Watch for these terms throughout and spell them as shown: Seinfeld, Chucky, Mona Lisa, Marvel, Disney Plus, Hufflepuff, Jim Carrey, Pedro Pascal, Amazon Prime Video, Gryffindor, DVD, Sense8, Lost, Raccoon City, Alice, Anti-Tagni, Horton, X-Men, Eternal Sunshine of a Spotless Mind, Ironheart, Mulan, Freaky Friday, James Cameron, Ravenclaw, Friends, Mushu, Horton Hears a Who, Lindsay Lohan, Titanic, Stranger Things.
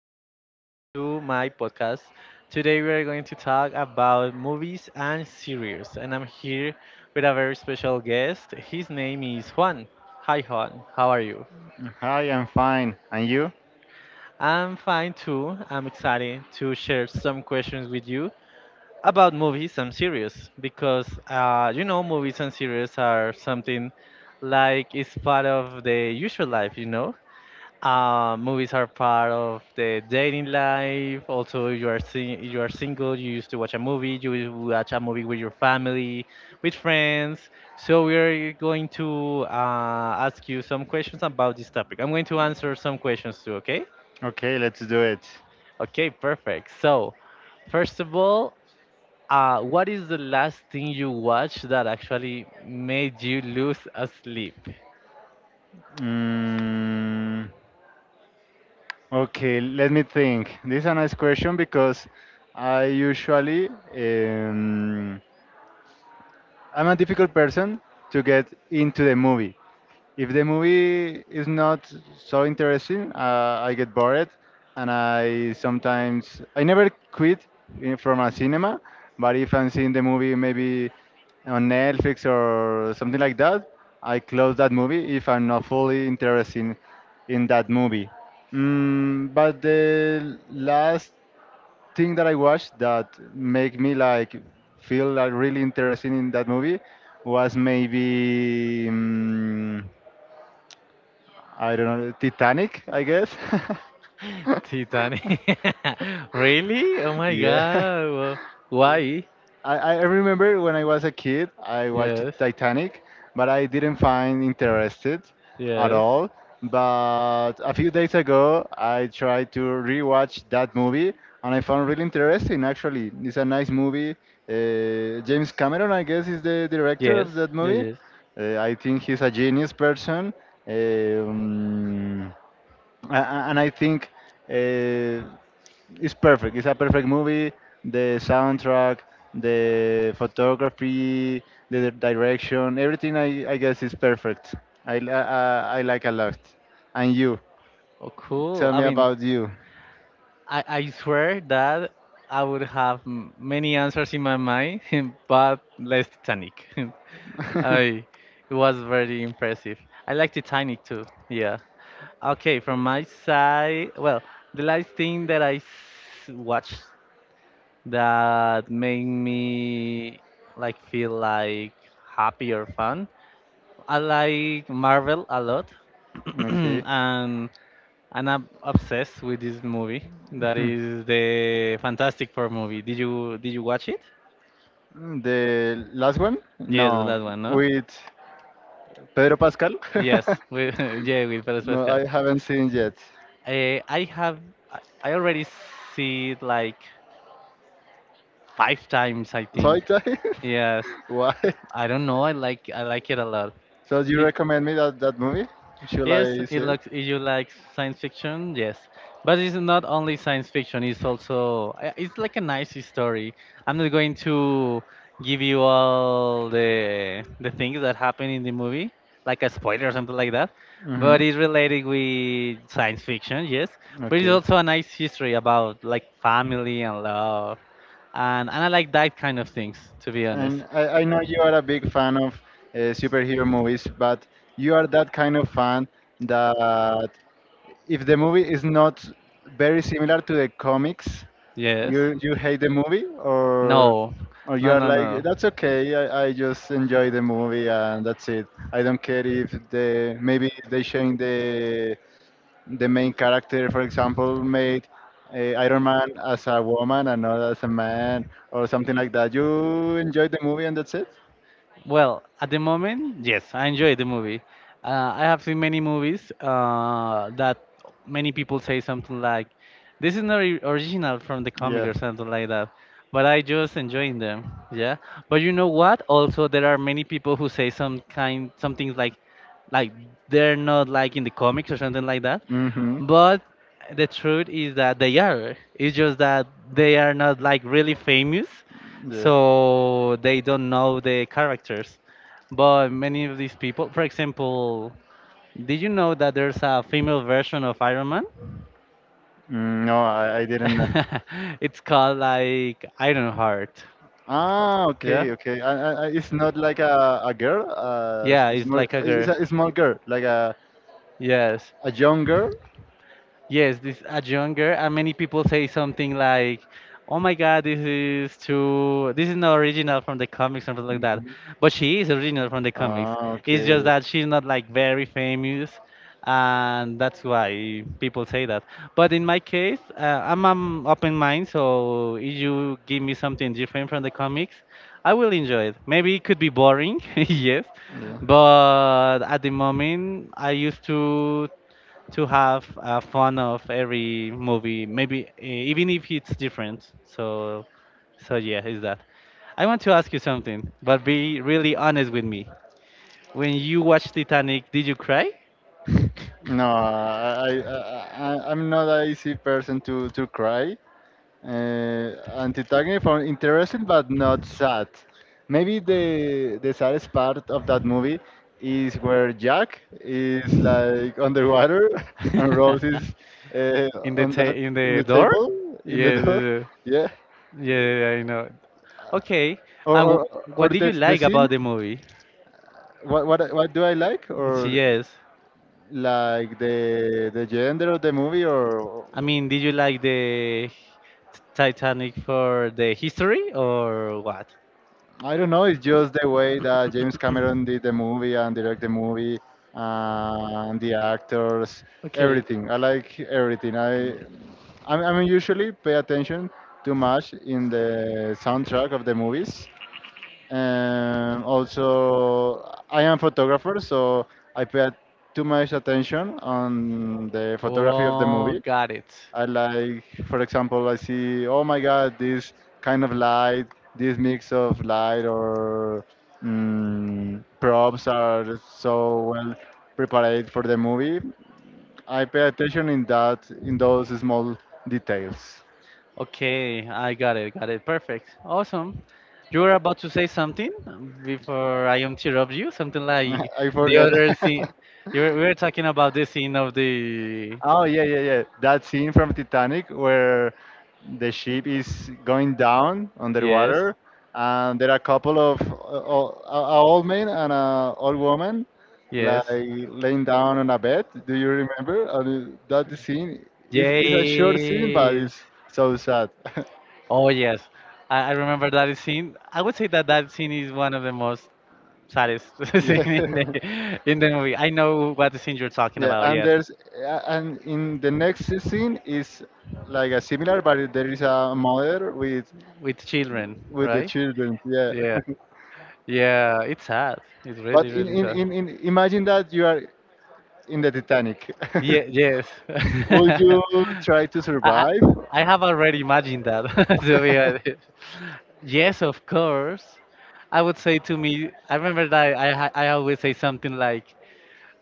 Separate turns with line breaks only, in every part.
Juan. Welcome to my podcast. Today we are going to talk about movies and series, and I'm here with a very special guest. His name is Juan. Hi Juan, how are you?
Hi, I'm fine. And you?
I'm fine too. I'm excited to share some questions with you about movies and series because movies and series are something like it's part of the usual life. Movies are part of the dating life. Also, you are single. You used to watch a movie. You will watch a movie with your family, with friends. So we are going to ask you some questions about this topic. I'm going to answer some questions too. Okay?
Okay, let's do it.
Okay, perfect. So, first of all, what is the last thing you watched that actually made you lose a sleep?
Mm, okay, let me think. This is a nice question because I usually um, I'm a difficult person to get into the movie. If the movie is not so interesting, I get bored, and I never quit from a cinema. But if I'm seeing the movie maybe on Netflix or something like that, I close that movie if I'm not fully interested in that movie. But the last thing that I watched that make me like feel like really interested in that movie was maybe, I don't know, Titanic, I guess.
Titanic. Really? Oh my
Yeah.
God. Well, why?
I remember when I was a kid, I watched
Yes.
Titanic, but I didn't find interested at
Yes.
all. But a few days ago, I tried to rewatch that movie, and I found really interesting. Actually, it's a nice movie. James Cameron, I guess, is the director
Yes.
of that
Yes.
movie.
Yes.
I think he's a genius person, um, a- and I think uh, it's perfect. It's a perfect movie. The soundtrack, the photography, the direction, everything. I guess is perfect. I like a lot. And you,
Oh, cool.
tell
I
me
mean,
about you.
I swear that I would have many answers in my mind, but less Titanic. I, it was very impressive. I like Titanic too. Yeah. Okay, from my side, well, the last thing that watched that make me like feel like happy or fun. I like Marvel a lot,
Okay.
and and I'm obsessed with this movie. That is the Fantastic Four movie. Did you watch it?
The last one?
Yes, the
No,
last one, no?
with Pedro Pascal.
Yes, with yeah, with Pedro
No,
Pascal.
I haven't seen yet.
I have I already see it like five times, I think.
Five times?
Yes,
Why?
I don't know. I like it a lot.
So you recommend me that movie? Should
Yes,
I see
it
it?
looks. If you like science fiction, yes, but it's not only science fiction. It's also it's like a nice story. I'm not going to give you all the things that happen in the movie, like a spoiler or something like that.
Hmm.
But it's related with science fiction, yes. But it's
Okay.
also a nice history about like family and love, and I like that kind of things, to be honest.
And I know you are a big fan of superhero movies, but you are that kind of fan that if the movie is not very similar to the comics,
Yes.
you hate the movie, or
No,
or you
no,
are
no,
like
no.
that's okay. I just enjoy the movie and that's it. I don't care if the maybe they change the main character, for example, made uh, Iron Man as a woman and not as a man or something like that. You enjoy the movie and that's it.
Well, at the moment, yes, I enjoy the movie. I have seen many movies that many people say something like, "This is not original from the comic"
Yeah.
or something like that. But I just enjoying them, yeah. But you know what? Also, there are many people who say some things like they're not like in the comics or something like that.
Mm-hmm.
But the truth is that they are. It's just that they are not like really famous
Yeah.
so they don't know the characters. But many of these people, for example, did you know that there's a female version of Iron Man?
No, I didn't know.
It's called like Ironheart.
Ah,
Yeah?
okay, okay. It's not like a girl,
Yeah, it's
small,
like a
it's
girl.
a small girl, like a,
Yes.
a young girl.
Yes, this a young girl, and many people say something like, "Oh my God, this is too. This is not original from the comics, something like that."
Mhm.
But she is original from the comics.
Ah,
It's just
okay.
that she's not like very famous, and that's why people say that. But in my case, I'm an open mind, so if you give me something different from the comics, I will enjoy it. Maybe it could be boring, yes,
Yeah.
but at the moment, I used to have fun of every movie, maybe even if it's different. So yeah, is that. I want to ask you something, but be really honest with me. When you watched Titanic, did you cry?
No, I'm not an easy person to cry. Anti-Tagni found interesting but not sad. Maybe the saddest part of that movie is where Jack is like underwater and Rose is uh, on that
In
in
the
the
door?
table
Yeah,
in the
yeah,
door.
yeah,
Yeah.
yeah, yeah, yeah, I know. Okay,
Or
and
or or
what did
the
you
the
like
scene.
about the movie?
What do I like? Or
Yes,
like the gender of the movie or
I mean, did you like the Titanic for the history or what?
I don't know. It's just the way that James Cameron did the movie and direct the movie and the actors,
Okay.
everything. I like everything. I mean, usually pay attention too much in the soundtrack of the movies. Also, I am photographer, so I pay too much attention on the photography of the
Oh,
movie.
got it.
I like, for example, I see, oh my God, this kind of light, this mix of light props are so well prepared for the movie. I pay attention in that, in those small details.
Okay, I got it. Got it. Perfect. Awesome. You were about to say something before I interrupt you. Something like
I
the
forgot.
other scene. We were talking about the scene of the.
Oh yeah, yeah, yeah. That scene from Titanic where the ship is going down
Yes.
underwater, and there are a couple of a old man and a old woman like
Yes.
laying down on a bed. Do you remember? And that scene is a short scene, but
Yes.
it's so sad.
Oh, yes. I remember that scene. I would say that that scene is one of the most saddest
Yeah.
scene in the movie. I know what the scene you're talking
Yeah,
about.
and
Yes,
there's and in the next scene is like a similar, but there is a mother with
with children,
the
right?
children. Yeah,
Yeah, yeah. It's sad. It's really,
but
really sad.
in imagine that you are in the Titanic.
Yeah, yes.
Would you try to
I
survive?
I have already imagined that. To be honest. Yes, of course. I would say to me, I remember that I always say something like,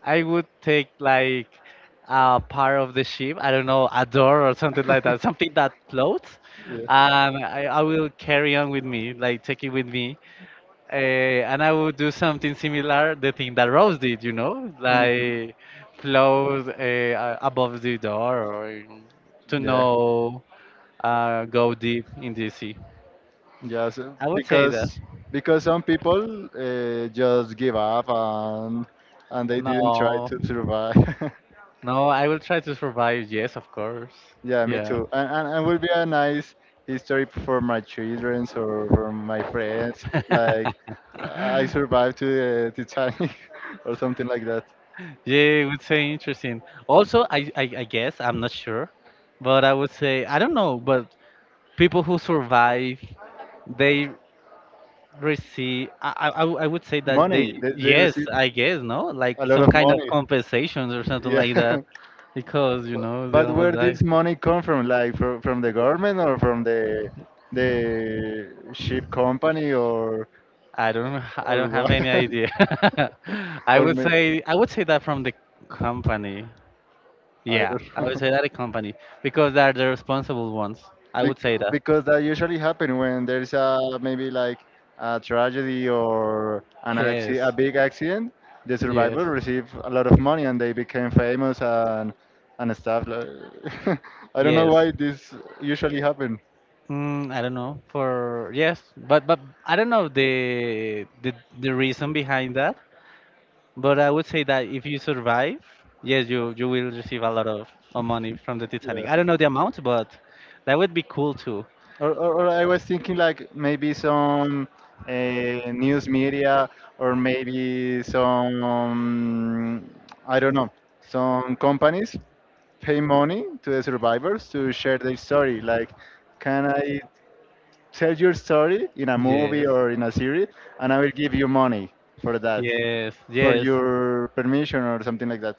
I would take like a part of the ship. I don't know, a door or something like that, something that floats.
Yeah.
I will carry on with me, like take it with me, and I will do something similar, the thing that Rose did,
Mhm.
like float above the door or to
Yeah.
know, go deep in the sea.
Yes,
I would say that.
because some people just give up and they didn't try
No,
to survive.
no, I will try to survive. Yes, of course.
Yeah, me
Yeah.
too. And will be a nice history for my children or for my friends. Like I survived to the Titanic or something like that.
Yeah, it would say interesting. Also, I guess, I'm not sure, but I would say, I don't know, but people who survive, they receive, I would say that they,
Money, they
yes,
receive
I guess, no?
a
Like
lot
some
of
kind of
money.
compensations or something
Yeah.
like that, because,
But,
they
but where
almost die.
this money come from? Like from the government or from the ship company or
I
or
don't have
what?
any idea. I
or
would
may,
say, I would say that from the company.
I
Yeah,
don't
I would
know.
say that a company, because they're the responsible ones. I would say that.
Because that usually happen when there's a maybe like a tragedy or an acci
Yes.
a big accident. The
Yes.
survivor receive a lot of money and they became famous and stuff. I don't know
Yes.
why this usually happen.
I don't know for yes, but I don't know the reason behind that. But I would say that if you survive, yes, you will receive a lot of money from the Titanic.
Yeah.
I don't know the amount, but that would be cool too.
Or I was thinking like maybe some news media or maybe I don't know, some companies pay money to the survivors to share their story. Like, can I tell your story in a movie
Yes.
or in a series and I will give you money for that,
Yes,
for
yes.
your permission or something like that.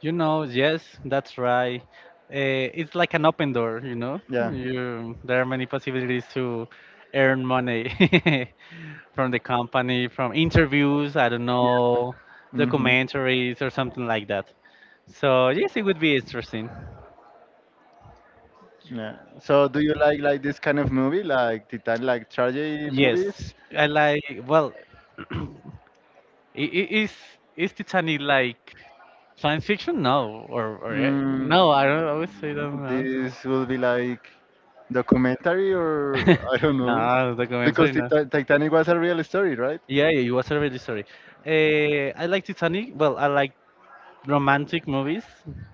You know, yes, that's right. It's like an open door, you know.
Yeah.
There are many possibilities to earn money. From the company, from interviews, I don't know,
Hmm.
documentaries or something like that. So yes, it would be interesting.
Yeah. So do you like this kind of movie, like like tragedy
Yes,
movies?
I like. Well, i- i- is is Titanic like science fiction? No, or
Mm,
no? I don't. I would say don't know.
this will be like documentary or I don't know,
No,
because
documentary. No.
Titanic was a real story, right?
Yeah, yeah, it was already sorry. I like Titanic. Well, I like romantic movies.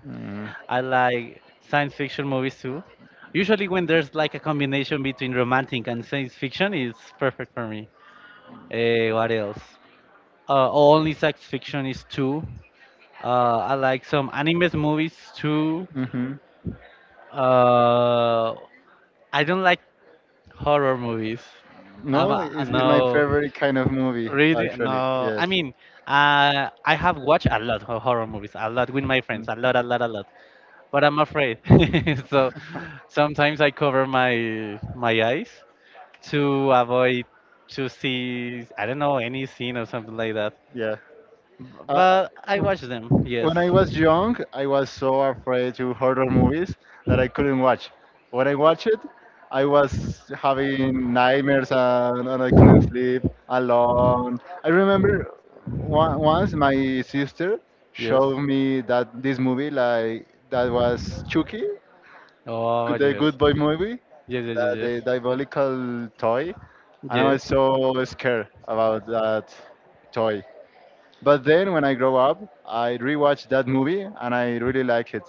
Mm.
I like science fiction movies too. Usually, when there's like a combination between romantic and science fiction, it's perfect for me. What else? Only science fiction is too. I like some animes movies too.
Hmm.
Uh, I don't like horror movies. I'm
No,
a
it's my
no,
favorite kind of movie,
really
actually.
no.
Yes.
I mean, I have watched a lot of horror movies, a lot with my
Mm,
friends, a lot, a lot, a lot. But I'm afraid. So sometimes I cover my eyes to avoid to see I don't know any scene or something like that.
yeah.
B-
I, I,
But I watch them. Yes.
When I was young, I was so afraid to horror movies that I couldn't watch. When I watched it, I was having nightmares and I couldn't sleep alone. I remember once my sister
Yes.
showed me that this movie, like that was Chucky,
Oh
the
yes.
Good Boy movie,
Yes. Yes. Yes.
the,
Yes.
the diabolical toy, and I
Yes.
was so scared about that toy. But then when I grow up, I rewatched that movie and I really like it.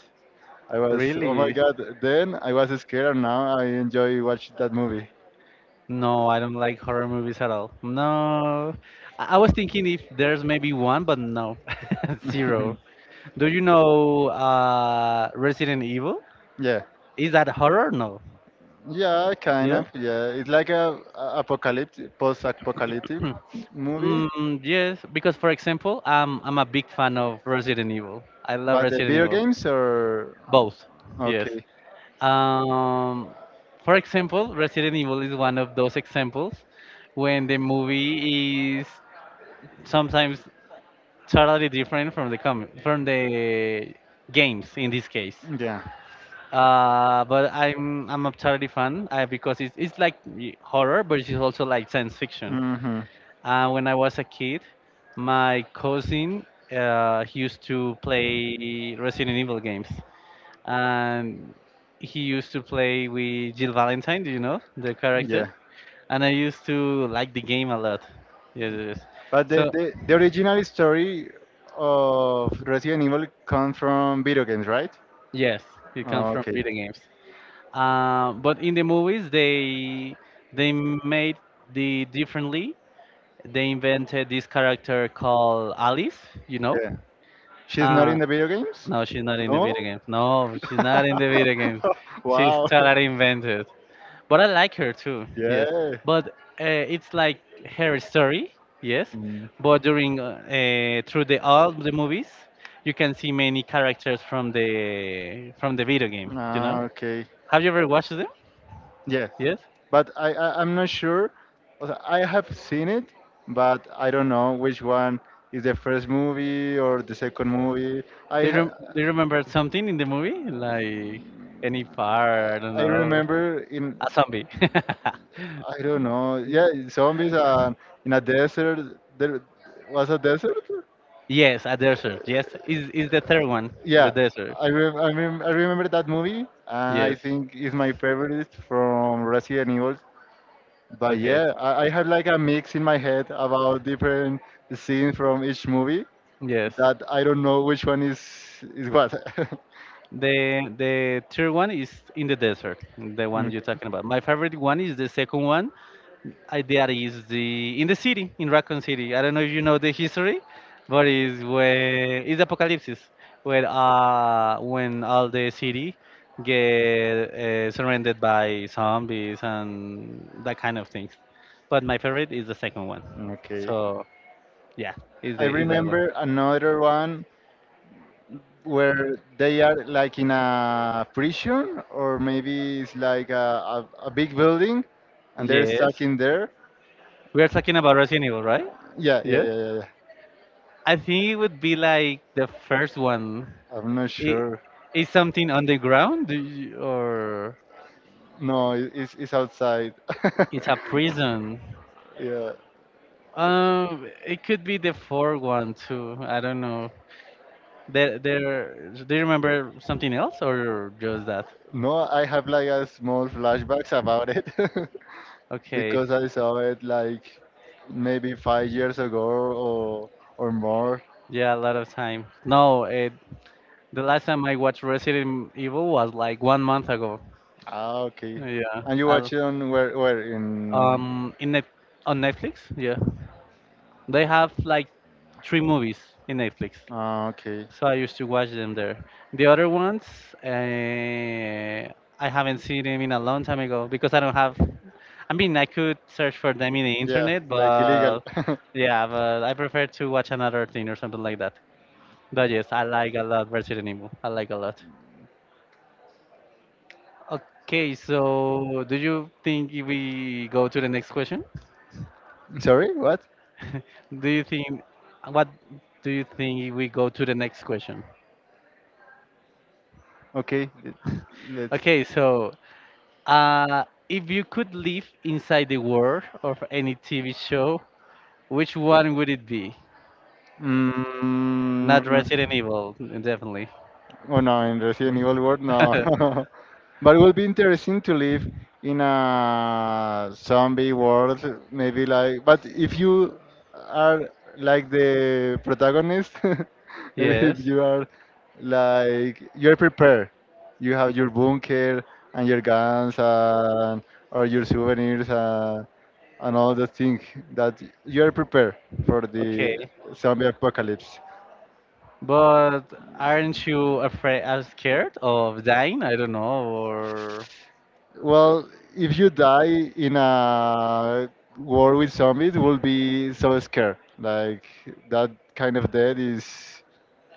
I was, oh my
Really?
God, then I was scared and now I enjoy watching that movie.
No, I don't like horror movies at all. No. I was thinking if there's maybe one, but no. Zero. Do you know Resident Evil?
Yeah.
Is that horror? No.
Yeah, kind
Yeah?
of. Yeah, it's like a apocalyptic, post-apocalyptic movie.
Mm, yes, because for example, I'm a big fan of Resident Evil. I love
But the
Resident
video
Evil.
games are
Both, yes.
okay.
Um, for example, Resident Evil is one of those examples when the movie is sometimes totally different from the games in this case.
Yeah.
But I'm a totally fan because it's like horror, but it's also like science fiction.
Hmm.
When I was a kid, my cousin he used to play Resident Evil games, and he used to play with Jill Valentine. Do you know the character?
Yeah.
And I used to like the game a lot. Yes, yes. Yes.
But the,
So
the the original story of Resident Evil comes from video games, right?
yes, it comes from
Okay.
video games. But in the movies, they made the differently. They invented this character called Alice. You know,
Yeah. She's not
uh,
in the video games?
no, she's not in the video
No?
games. No, she's not in the video games. She's
Wow.
totally invented. But I like her too, yes.
Yeah.
But it's like her story, yes.
Mm.
But during through the all the movies, you can see many characters from the video game. You know?
Ah, okay.
Have you ever watched them?
Yeah,
Yes.
but I'm not sure. Also, I have seen it, but I don't know which one is the first movie or the second movie. I ha
Do you remember something in the movie, like any part? I don't
I
know,
remember in
a zombie.
I don't know. Yeah, zombies and in a desert. There was a desert.
Yes, a desert. Yes, is the third one, the
Yeah,
desert.
I remember that movie, and I
Yes.
think it's my favorite from Resident Evil. But
Okay.
yeah, I had like a mix in my head about different scenes from each movie
Yes.
that I don't know which one is what.
The third one is in the desert, the one
Mm.
you're talking about. My favorite one is the second one. I That is the in the city, in Raccoon City. I don't know if you know the history, but is where is apocalypse, where when all the city get surrounded by zombies and that kind of things. But my favorite is the second one.
Okay.
So yeah,
I
is that one.
remember another one where they are like in a prison or maybe it's like a big building and they're
Yes.
stuck in there.
We are talking about Resident Evil, right?
Yeah, yeah,
Yeah.
yeah, yeah, yeah.
I think it would be like the first one.
I'm not
It
sure.
is something underground. Or
No, it's outside.
it's a prison.
Yeah.
It could be the fourth one too. I don't know. There. Do you remember something else or just that?
No, I have like a small flashbacks about it
Okay.
because I saw it like maybe 5 years ago or more.
Yeah, a lot of time. No, the last time I watched Resident Evil was like one month ago.
Ah, okay.
Yeah,
And you
I,
watch it on where in
In net on Netflix, yeah, they have like three movies in Netflix,
Ah, okay.
so I used to watch them there. The other ones, uh, I haven't seen them in a long time ago because I don't have. I mean, I could search for them in the
Yeah,
internet,
like illegal.
but, yeah, but I prefer to watch another thing or something like that. But yes, I like a lot Resident Evil. I like a lot. Okay, so do you think if we go to the next question?
Sorry, what?
Do you think What do you think we go to the next question?
Okay, let's.
Okay, so if you could live inside the world of any TV show, which one would it be?
Mm,
Not Resident Evil, definitely.
Oh no, in Resident
Mm.
Evil World, no. But it would be interesting to live in a zombie world, maybe like. But if you are like the protagonist, maybe if
Yes.
you are like you're prepared, you have your bunker and your guns and or your souvenirs and all the things that you are prepared for the
Okay.
zombie apocalypse.
But aren't you afraid, scared of dying? I don't know, or
Well, if you die in a war with zombies, will be so scared. Like that kind of death is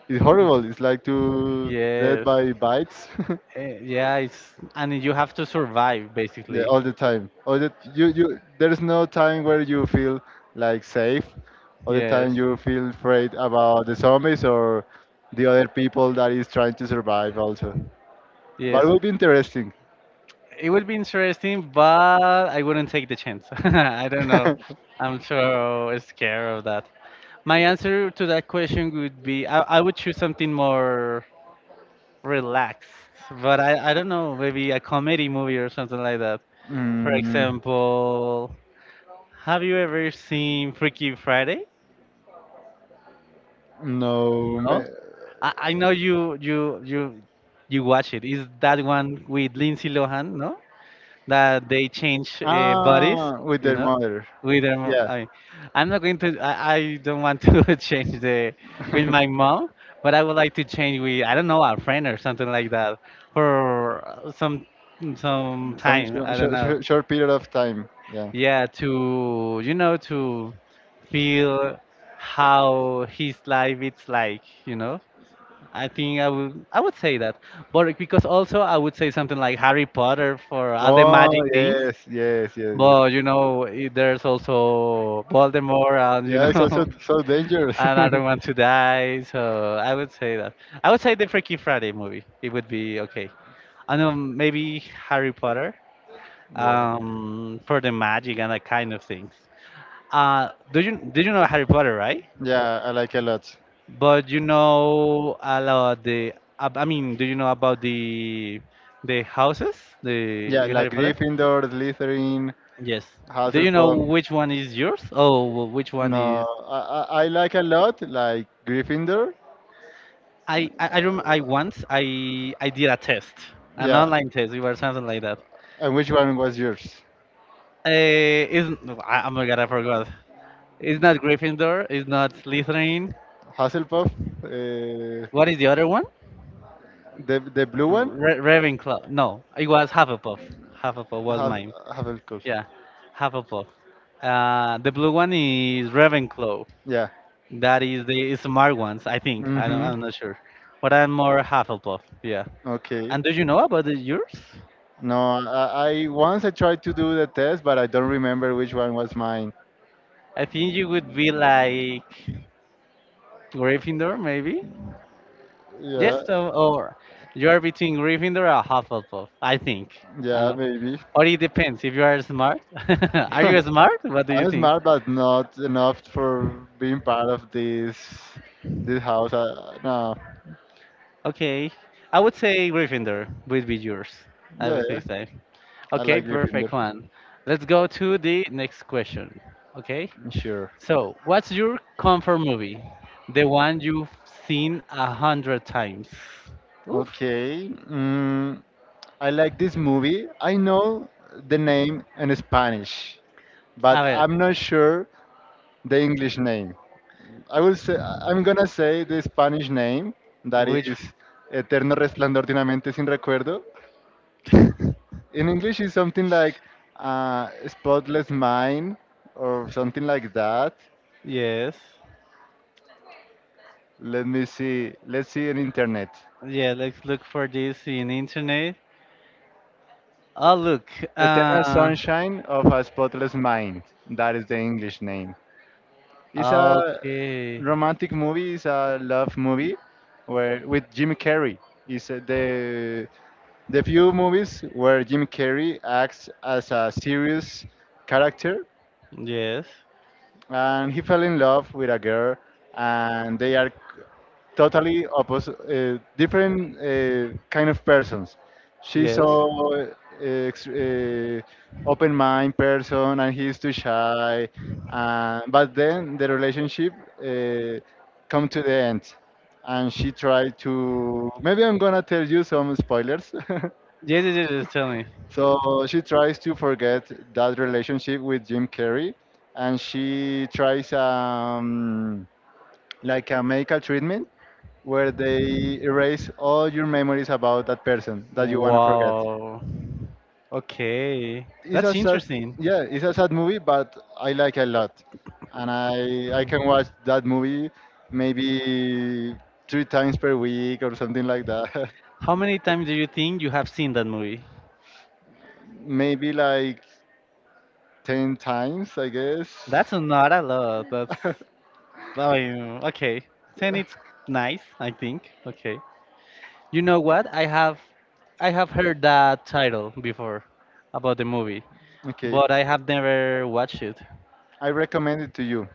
is
Yes.
horrible. It's like to dead
Yes.
by bites.
Yeah, it's and you have to survive
Yeah,
basically.
all the time. All the you. There is no time where you feel like safe. All the
Yes.
time you feel afraid about the zombies or the other people that is trying to survive also. But it
Yes,
will be interesting.
it would be interesting, but I wouldn't take the chance. I don't know. I'm so scared of that. My answer to that question would be I would choose something more relaxed, but I don't know, maybe a comedy movie or something like that. For
mm,
example, have you ever seen Freaky Friday?
no.
No? I know you watch it. Is that one with Lindsay Lohan, no? That they change bodies,
Ah, with
you
their
know,
mother.
with their.
Yeah.
I, I'm not going to. I don't want to change the with my mom, but I would like to change with I don't know a friend or something like that for some
Some
time.
short,
I don't know.
short, short period of time. Yeah.
Yeah, to you know to feel how his life it's like. I think I would say that, but because also I would say something like Harry Potter for all the
Oh
magic things
yes, yes, yes, yes.
but there's also Voldemort, and
Yeah, it's also so dangerous.
and I don't want to die. So I would say that. I would say the Freaky Friday movie. It would be okay. And maybe Harry Potter,
Yeah.
for the magic and that kind of things. Do you Did you know Harry Potter, right?
Yeah, I like a lot.
But you know about the. I mean, do you know about the houses the
Yeah,
in Harry
like
Potter?
Gryffindor, Slytherin,
Yes. Do you know
Hufflepuff.
which one is yours? Oh, which one is?
No, I like a lot, like Gryffindor.
I once I did a test, an
Yeah,
online test. It was something like that.
and which one was yours?
Uh, is Oh my God, I forgot. It's not Gryffindor. It's not Slytherin.
Hufflepuff, uh,
What is the other one?
the blue one.
Ravenclaw. No, it was Hufflepuff. Hufflepuff was
Huff-
mine.
Hufflepuff.
Yeah, Hufflepuff. The blue one is Ravenclaw.
Yeah.
That is the smart ones, I think. I don't,
Mm-hmm.
I'm not sure, but I'm more Hufflepuff. Yeah.
Okay.
And do you know about the yours?
No, I once I tried to do the test, but I don't remember which one was mine.
I think you would be like Gryffindor, maybe? Yes,
Yeah,
so, or you are between Gryffindor or Hufflepuff, I think.
yeah,
Uh,
maybe.
or it depends if you are smart. Are
I
you smart? What do you
am
think?
smart, but not enough for being part of this house. No,
Okay, I would say Gryffindor would be yours. I
yeah,
would
yeah.
say. So.
I
Okay,
like Gryffindor.
perfect one. Let's go to the next question. Okay,
Sure.
so what's your comfort movie? The one you've seen 100 times. Oof.
Okay. I like this movie. I know the name in Spanish, but
A ver,
I'm not sure the English name. I will say I'm gonna say the Spanish name that
which?
is Eterno Resplandor de una mente sin recuerdo. In English is something like spotless mind or something like that.
Yes.
Let me see. Let's see in internet.
Yeah, let's look for this in internet. Oh, look.
Eternal Sunshine of a Spotless Mind. That is the English name. It's a
Okay.
romantic movie. It's a love movie where with Jim Carrey. It's the few movies where Jim Carrey acts as a serious character,
Yes.
and he fell in love with a girl, and they are totally opposite, different kind of persons. She's
Yes.
so open mind person, and he's too shy. But then the relationship uh, come to the end, and she tried to. Maybe I'm gonna tell you some spoilers.
Yes, yes, yes, yes, tell me.
So she tries to forget that relationship with Jim Carrey, and she tries like a medical treatment where they erase all your memories about that person that you wanna forget.
Wow. Okay.
It's
That's
a sad,
interesting.
yeah, it's a sad movie, but I like a lot, and I can watch that movie maybe three times per week or something like that,
How many times do you think you have seen that movie?
maybe like ten times, I guess.
That's not a lot. That's, I mean, okay. Then it's nice, I think. Okay. You know what? I have heard that title before about the movie,
Okay.
but I have never watched it.
I recommend it to you.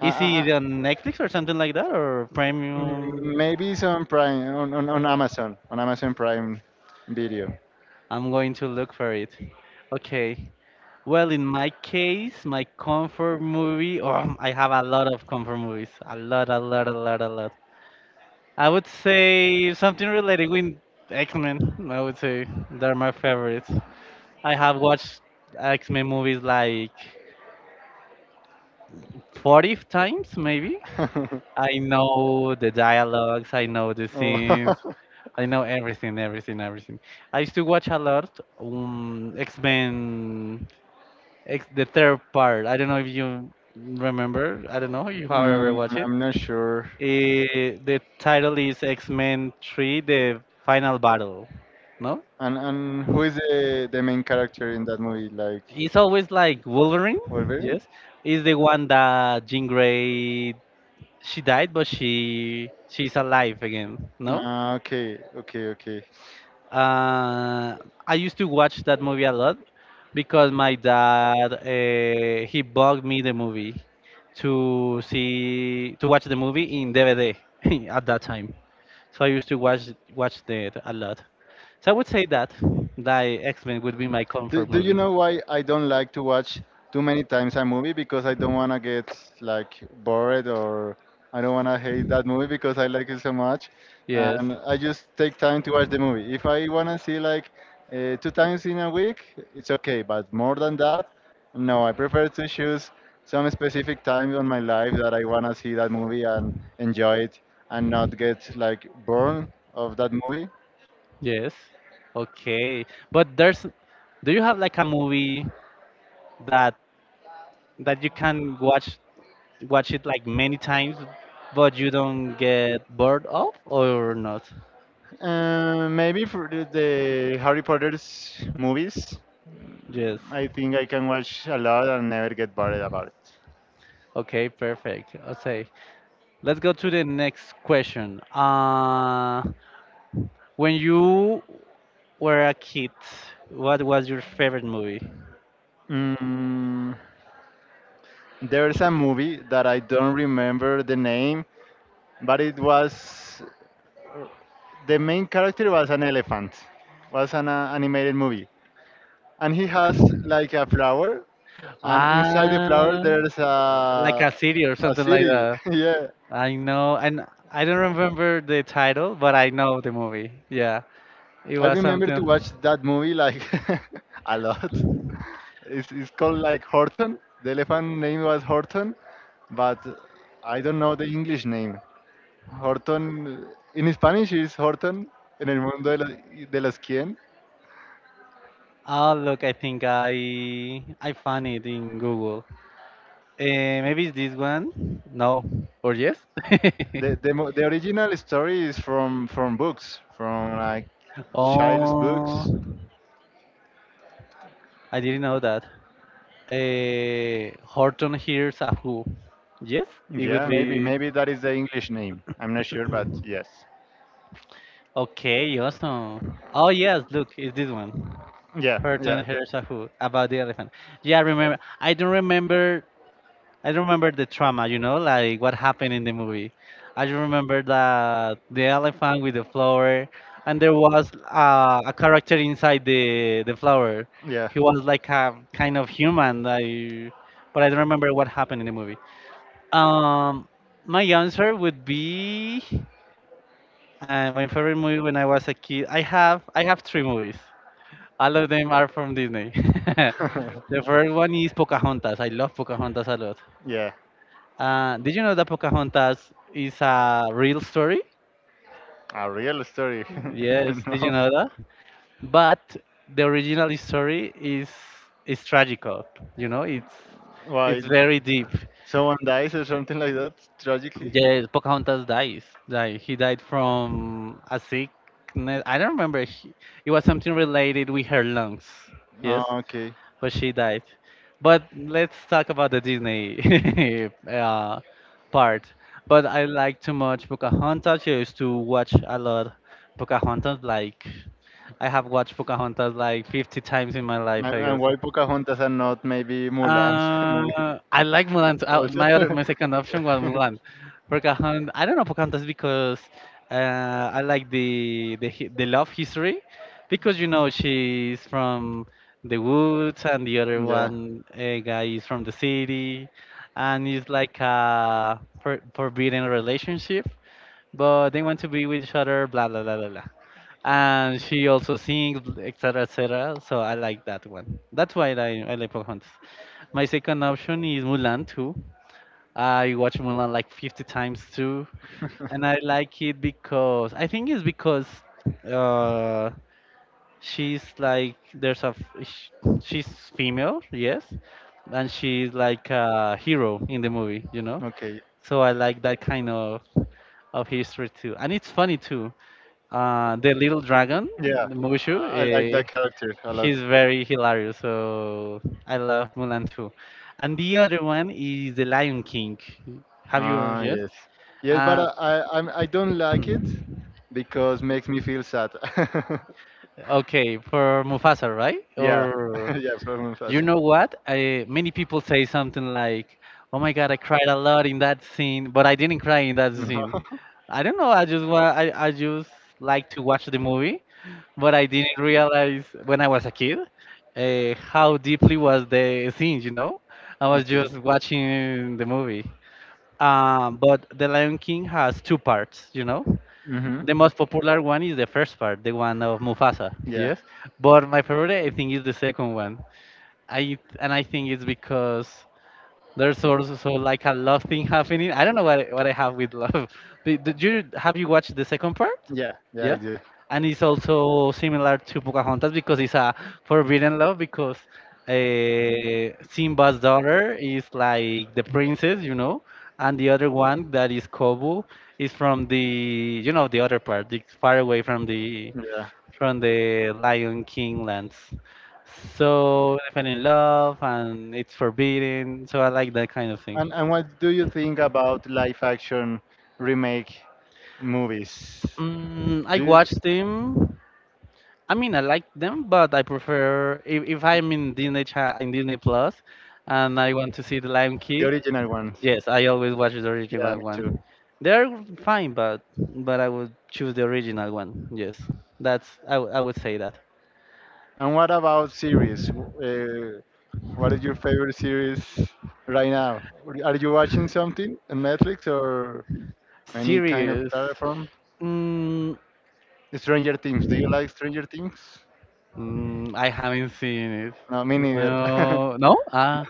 Uh,
Is
uh, uh,
it on Netflix or something like that or
mm,
Premium?
Maybe it's on Prime, on, on Amazon, on Amazon Prime Video.
I'm going to look for it. Okay. Well, in my case, my comfort movie, oh, I have a lot of comfort movies. A lot, a lot, a lot, a lot. I would say something related with X-Men. I would say they're my favorites. I have watched X-Men movies like 40 times maybe.
Oh.
I know the dialogues, I know the scenes, I know everything, everything, everything. I used to watch a lot X Men, X the third part. I don't know if you remember. I don't know you
mm,
however watch it.
I'm not sure.
The title is X Men Three: The Final Battle. No,
And who is the main character in that movie? Like
it's always like Wolverine.
Wolverine?
Yes, is the one that Jean Grey she died, but she's alive again. No.
Ah, okay, okay, okay.
Uh, I used to watch that movie a lot because my dad he bought me the movie to watch the movie in DVD at that time. So I used to watch that a lot. So I would say that that X Men would be my
Do,
comfort
do you
movie.
know why I don't like to watch too many times a movie? Because I don't want to get like bored, or I don't want to hate that movie because I like it so much.
Yes,
And I just take time to watch the movie. If I want to see like two times in a week, it's okay. But more than that, no, I prefer to choose some specific time on my life that I want to see that movie and enjoy it and not get like bored of that movie.
yes. Okay. But there's do you have like a movie that that you can watch it like many times but you don't get bored of or not.
Maybe for the Harry Potter's movies,
Yes.
I think I can watch a lot and never get bored about it.
Okay, perfect. Okay, let's go to the next question. When you were a kid, what was your favorite movie?
Mm, there's a movie that I don't remember the name, but it was the main character was an elephant. Was an animated movie, and he has like a flower, and inside the
Ah,
flower there's
like a city or
a
something like
city.
that.
Yeah,
I know, and I don't remember the title but I know the movie. Yeah, it
I
was
remember
something.
to watch that movie like a lot. It's called like Horton. The elephant name was Horton, but I don't know the English name. Horton, in Spanish is Horton, en el mundo de, la- de los quien.
Oh, look, I think I found it in Google. Uh, Maybe it's this one? No, or yes?
The the original story is from books, from like child's
Oh,
books.
I didn't know that. Horton hears a who? Yes, it
Yeah,
would be
maybe that is the English name. I'm not sure, but yes.
okay. Awesome. Oh yes, look, it's this one.
Yeah, yeah.
Horton hears a who about the elephant. Yeah, I remember. I don't remember. I remember the trauma, like what happened in the movie. I just remember that the elephant with the flower, and there was a character inside the flower.
Yeah.
He was like a kind of human, like, but I don't remember what happened in the movie. Um, my answer would be my favorite movie when I was a kid. I have three movies. All of them are from Disney. The first one is Pocahontas. I love Pocahontas a lot.
Yeah.
Did you know that Pocahontas is a real story?
A real story.
Yes, did you
No.
know that? But the original story is tragical. You know, it's
Why?
it's very deep.
Someone dies or something like that tragically.
Yes, Pocahontas dies. Like he died from a sickness. I don't remember. He, it was something related with her lungs.
Oh,
Yes.
okay.
But she died. But let's talk about the Disney uh, part. But I like too much Pocahontas. I used to watch a lot Pocahontas. Like I have watched Pocahontas like 50 times in my life, I
And
guess.
why Pocahontas and not maybe Mulan's movie
I like Mulan. Too.
also?
My other, my second option was Mulan. Pocahontas. I don't know Pocahontas because I like the love history because she's from the woods and the other
Yeah.
one guy is from the city, and it's like a forbidden relationship but they want to be with each other, blah blah blah blah blah. And she also sings, etc. etc. So I like that one. That's why I like Pocahontas. My second option is Mulan too. I watch Mulan like 50 times too, and I like it because I think it's because uh, she's like there's a she's female, yes, and she's like a hero in the movie.
Okay.
So I like that kind of history too, and it's funny too. The little dragon,
Yeah.
the Mushu,
I like that character a lot.
he's very hilarious. So I love Mulan too, and the other one is the Lion King. Have you
Ah,
yes?
yes. Yes, but
Uh,
I don't like it because makes me feel sad.
okay, for Mufasa, right?
Yeah,
Or
yeah, problem sad.
You know what? Many people say something like, "Oh my God, I cried a lot in that scene," but I didn't cry in that scene. I don't know. I just like to watch the movie, but I didn't realize when I was a kid how deeply was the scene. You know, I was
Okay.
just watching the movie. But The Lion King has two parts. You know,
Mm-hmm.
the most popular one is the first part, the one of Mufasa.
Yeah,
Yes, but my favorite I think is the second one. I and I think it's because there's also so like a love thing happening. I don't know what I have with love. Did you Have you watched the second part?
yeah, yeah, I
Yeah,
do.
and it's also similar to Pocahontas because it's a forbidden love because Simba's daughter is like the princess, and the other one that is Kobu is from the the other part, the far away from the
Yeah.
Lion King lands. So I fell in love, and it's forbidden. So I like that kind of thing.
And what do you think about live action remake movies?
I
Do you,
watched them. I mean, I like them, but I prefer if I'm in Disney Plus, and I want to see the Lion
the
King.
original ones?
Yes, I always watch the
Yeah,
original
me too.
one. They're fine, but I would choose the original one. Yes, that's I would say that.
And what about series? What is your favorite series right now? Are you watching something on Netflix or any kind of
Serious.
platform? Stranger Things. Do you like Stranger Things?
I haven't seen it.
No, me neither.
No, no?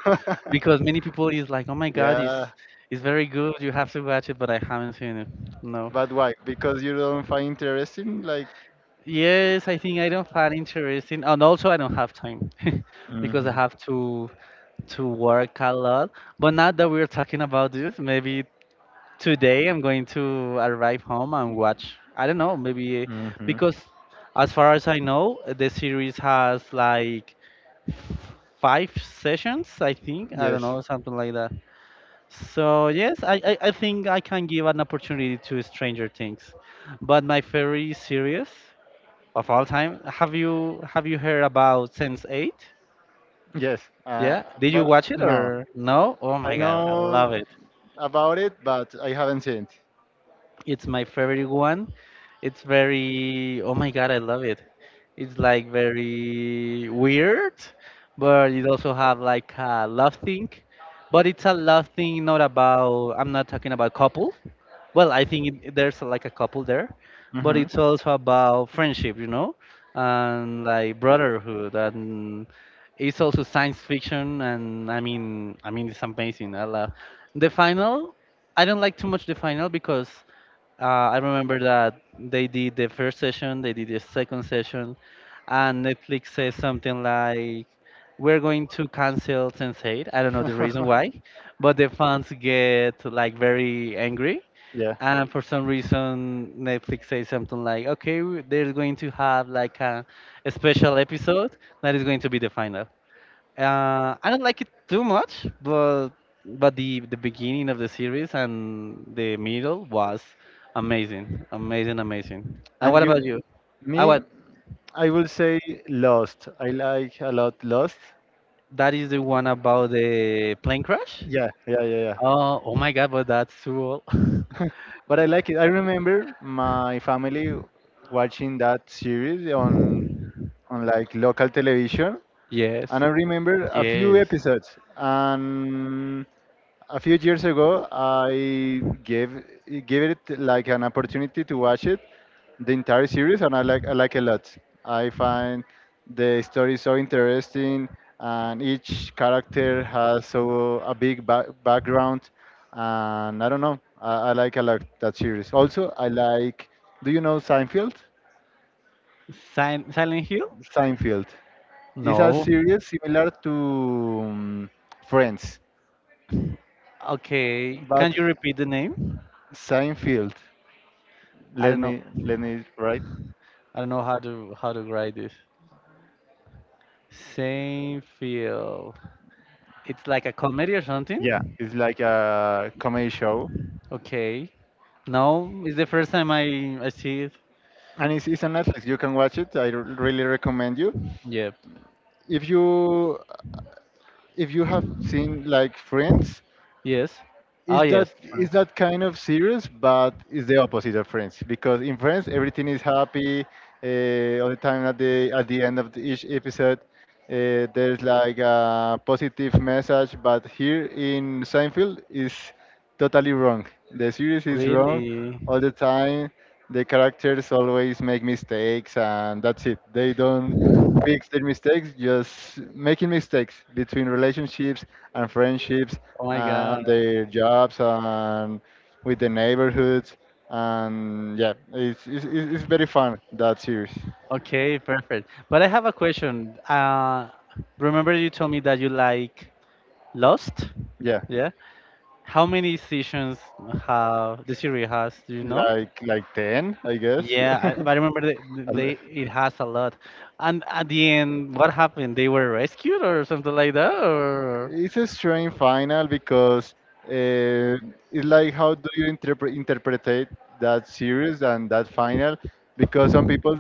Because many people is like, oh my God, it's
Yeah,
it's very good. You have to watch it, but I haven't seen it. No.
but why? Because you don't find interesting, like.
Yes, I think I don't find interesting, and also I don't have time because I
Hmm.
have to work a lot. But now that we're talking about this, maybe today I'm going to arrive home and watch. I don't know, maybe
Hmm.
because as far as I know, the series has like five sessions, I think. I don't
Yes.
know, something like that. So yes, I think I can give an opportunity to Stranger Things. But my favorite series of all time, have you heard about Sense Eight?
Yes.
Yeah? Did you
But
watch it
no,
or no? Oh
I
my god, I love
know
it.
about it, but I haven't seen
It's my favorite one. It's very, oh my God, I love it. It's like very weird, but it also have like a love thing. But it's a love thing, not about, I'm not talking about couple. Well, I think it, there's like a couple there, but
it.
it's also about friendship, and like brotherhood. And it's also science fiction. And I mean, it's amazing. I love the final. I don't like too much the final because I remember that they did the first session, they did the second session, and Netflix says something like, "We're going to cancel Sense8." I don't know the reason
Hmm.
why, but the fans get like very angry,
Yeah.
and for some reason Netflix says something like, "Okay, they're going to have like a special episode that is going to be the final." I don't like it too much, but the beginning of the series and the middle was amazing, amazing, amazing. And
And
what
you,
about you? Ah,
me,
what?
I will say Lost. I like a lot Lost.
That is the one about the plane crash?
Yeah, yeah, yeah, yeah.
Oh, oh my God, but that's too old.
But I like it. I remember my family watching that series on like local television,
Yes,
and I remember a few
yes.
episodes. And a few years ago I gave gave it like an opportunity to watch it the entire series, and I like a lot. I find the story so interesting, and each character has so a big background, and I don't know. I like a lot that series. Also I like, do you know seinfeld?
Silent Hill?
seinfeld is a
No.
series similar to friends,
Okay.
but
Can you repeat the name?
seinfeld
I
let
don't know.
me right.
I don't know how to write this. Same feel. It's like a comedy or
Yeah,
something?
it's like a comedy show,
Okay. No, it's the first time I see it.
and it's on netflix. You can watch it. Really recommend you,
Yep.
if you have seen like friends.
Yes. Oh, yes.
Is
Friends.
that kind of serious, but it's the opposite of France, because in France everything is happy all the time. At the end of the, each episode, there's like a positive message, but here in Seinfeld is totally wrong. The series is wrong
Really?
all the time. The characters always make mistakes, and that's it. They don't fix their mistakes, just making mistakes between relationships, and friendships,
Oh my God.
and their jobs, and with the neighborhoods. And yeah, it's very fun that series.
Okay, perfect. But I have a question. Remember you told me that you like Lost?
Yeah,
Yeah. How many seasons have the series has? Do you know?
like 10, I guess.
Yeah, I, but I remember they,
Al-
they it has a lot. And at the end, what happened? They were rescued or something like that, or
it's a strange final, because uh, it's like, how do you interpretate that series and that final? Because some people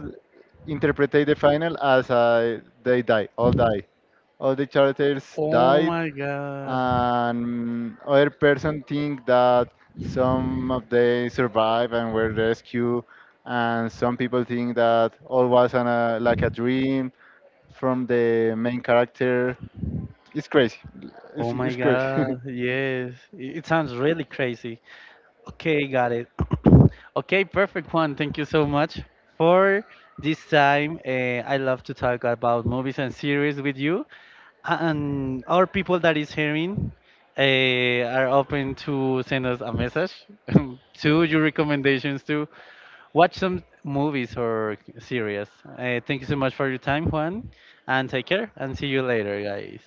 interpretate the final as they die all die, all the characters
oh
died,
my god,
and other person think that some of they survive and were rescued, and some people think that all was an, like a dream from the main character. It's crazy.
oh my
It's crazy.
god, yes, it sounds really crazy. Okay, got it. Okay, perfect one. Thank you so much for this time. I love to talk about movies and series with you. And our people that is hearing uh, are open to send us a message to your recommendations to watch some movies or series. Thank you so much for your time, Juan, and take care and see you later, guys.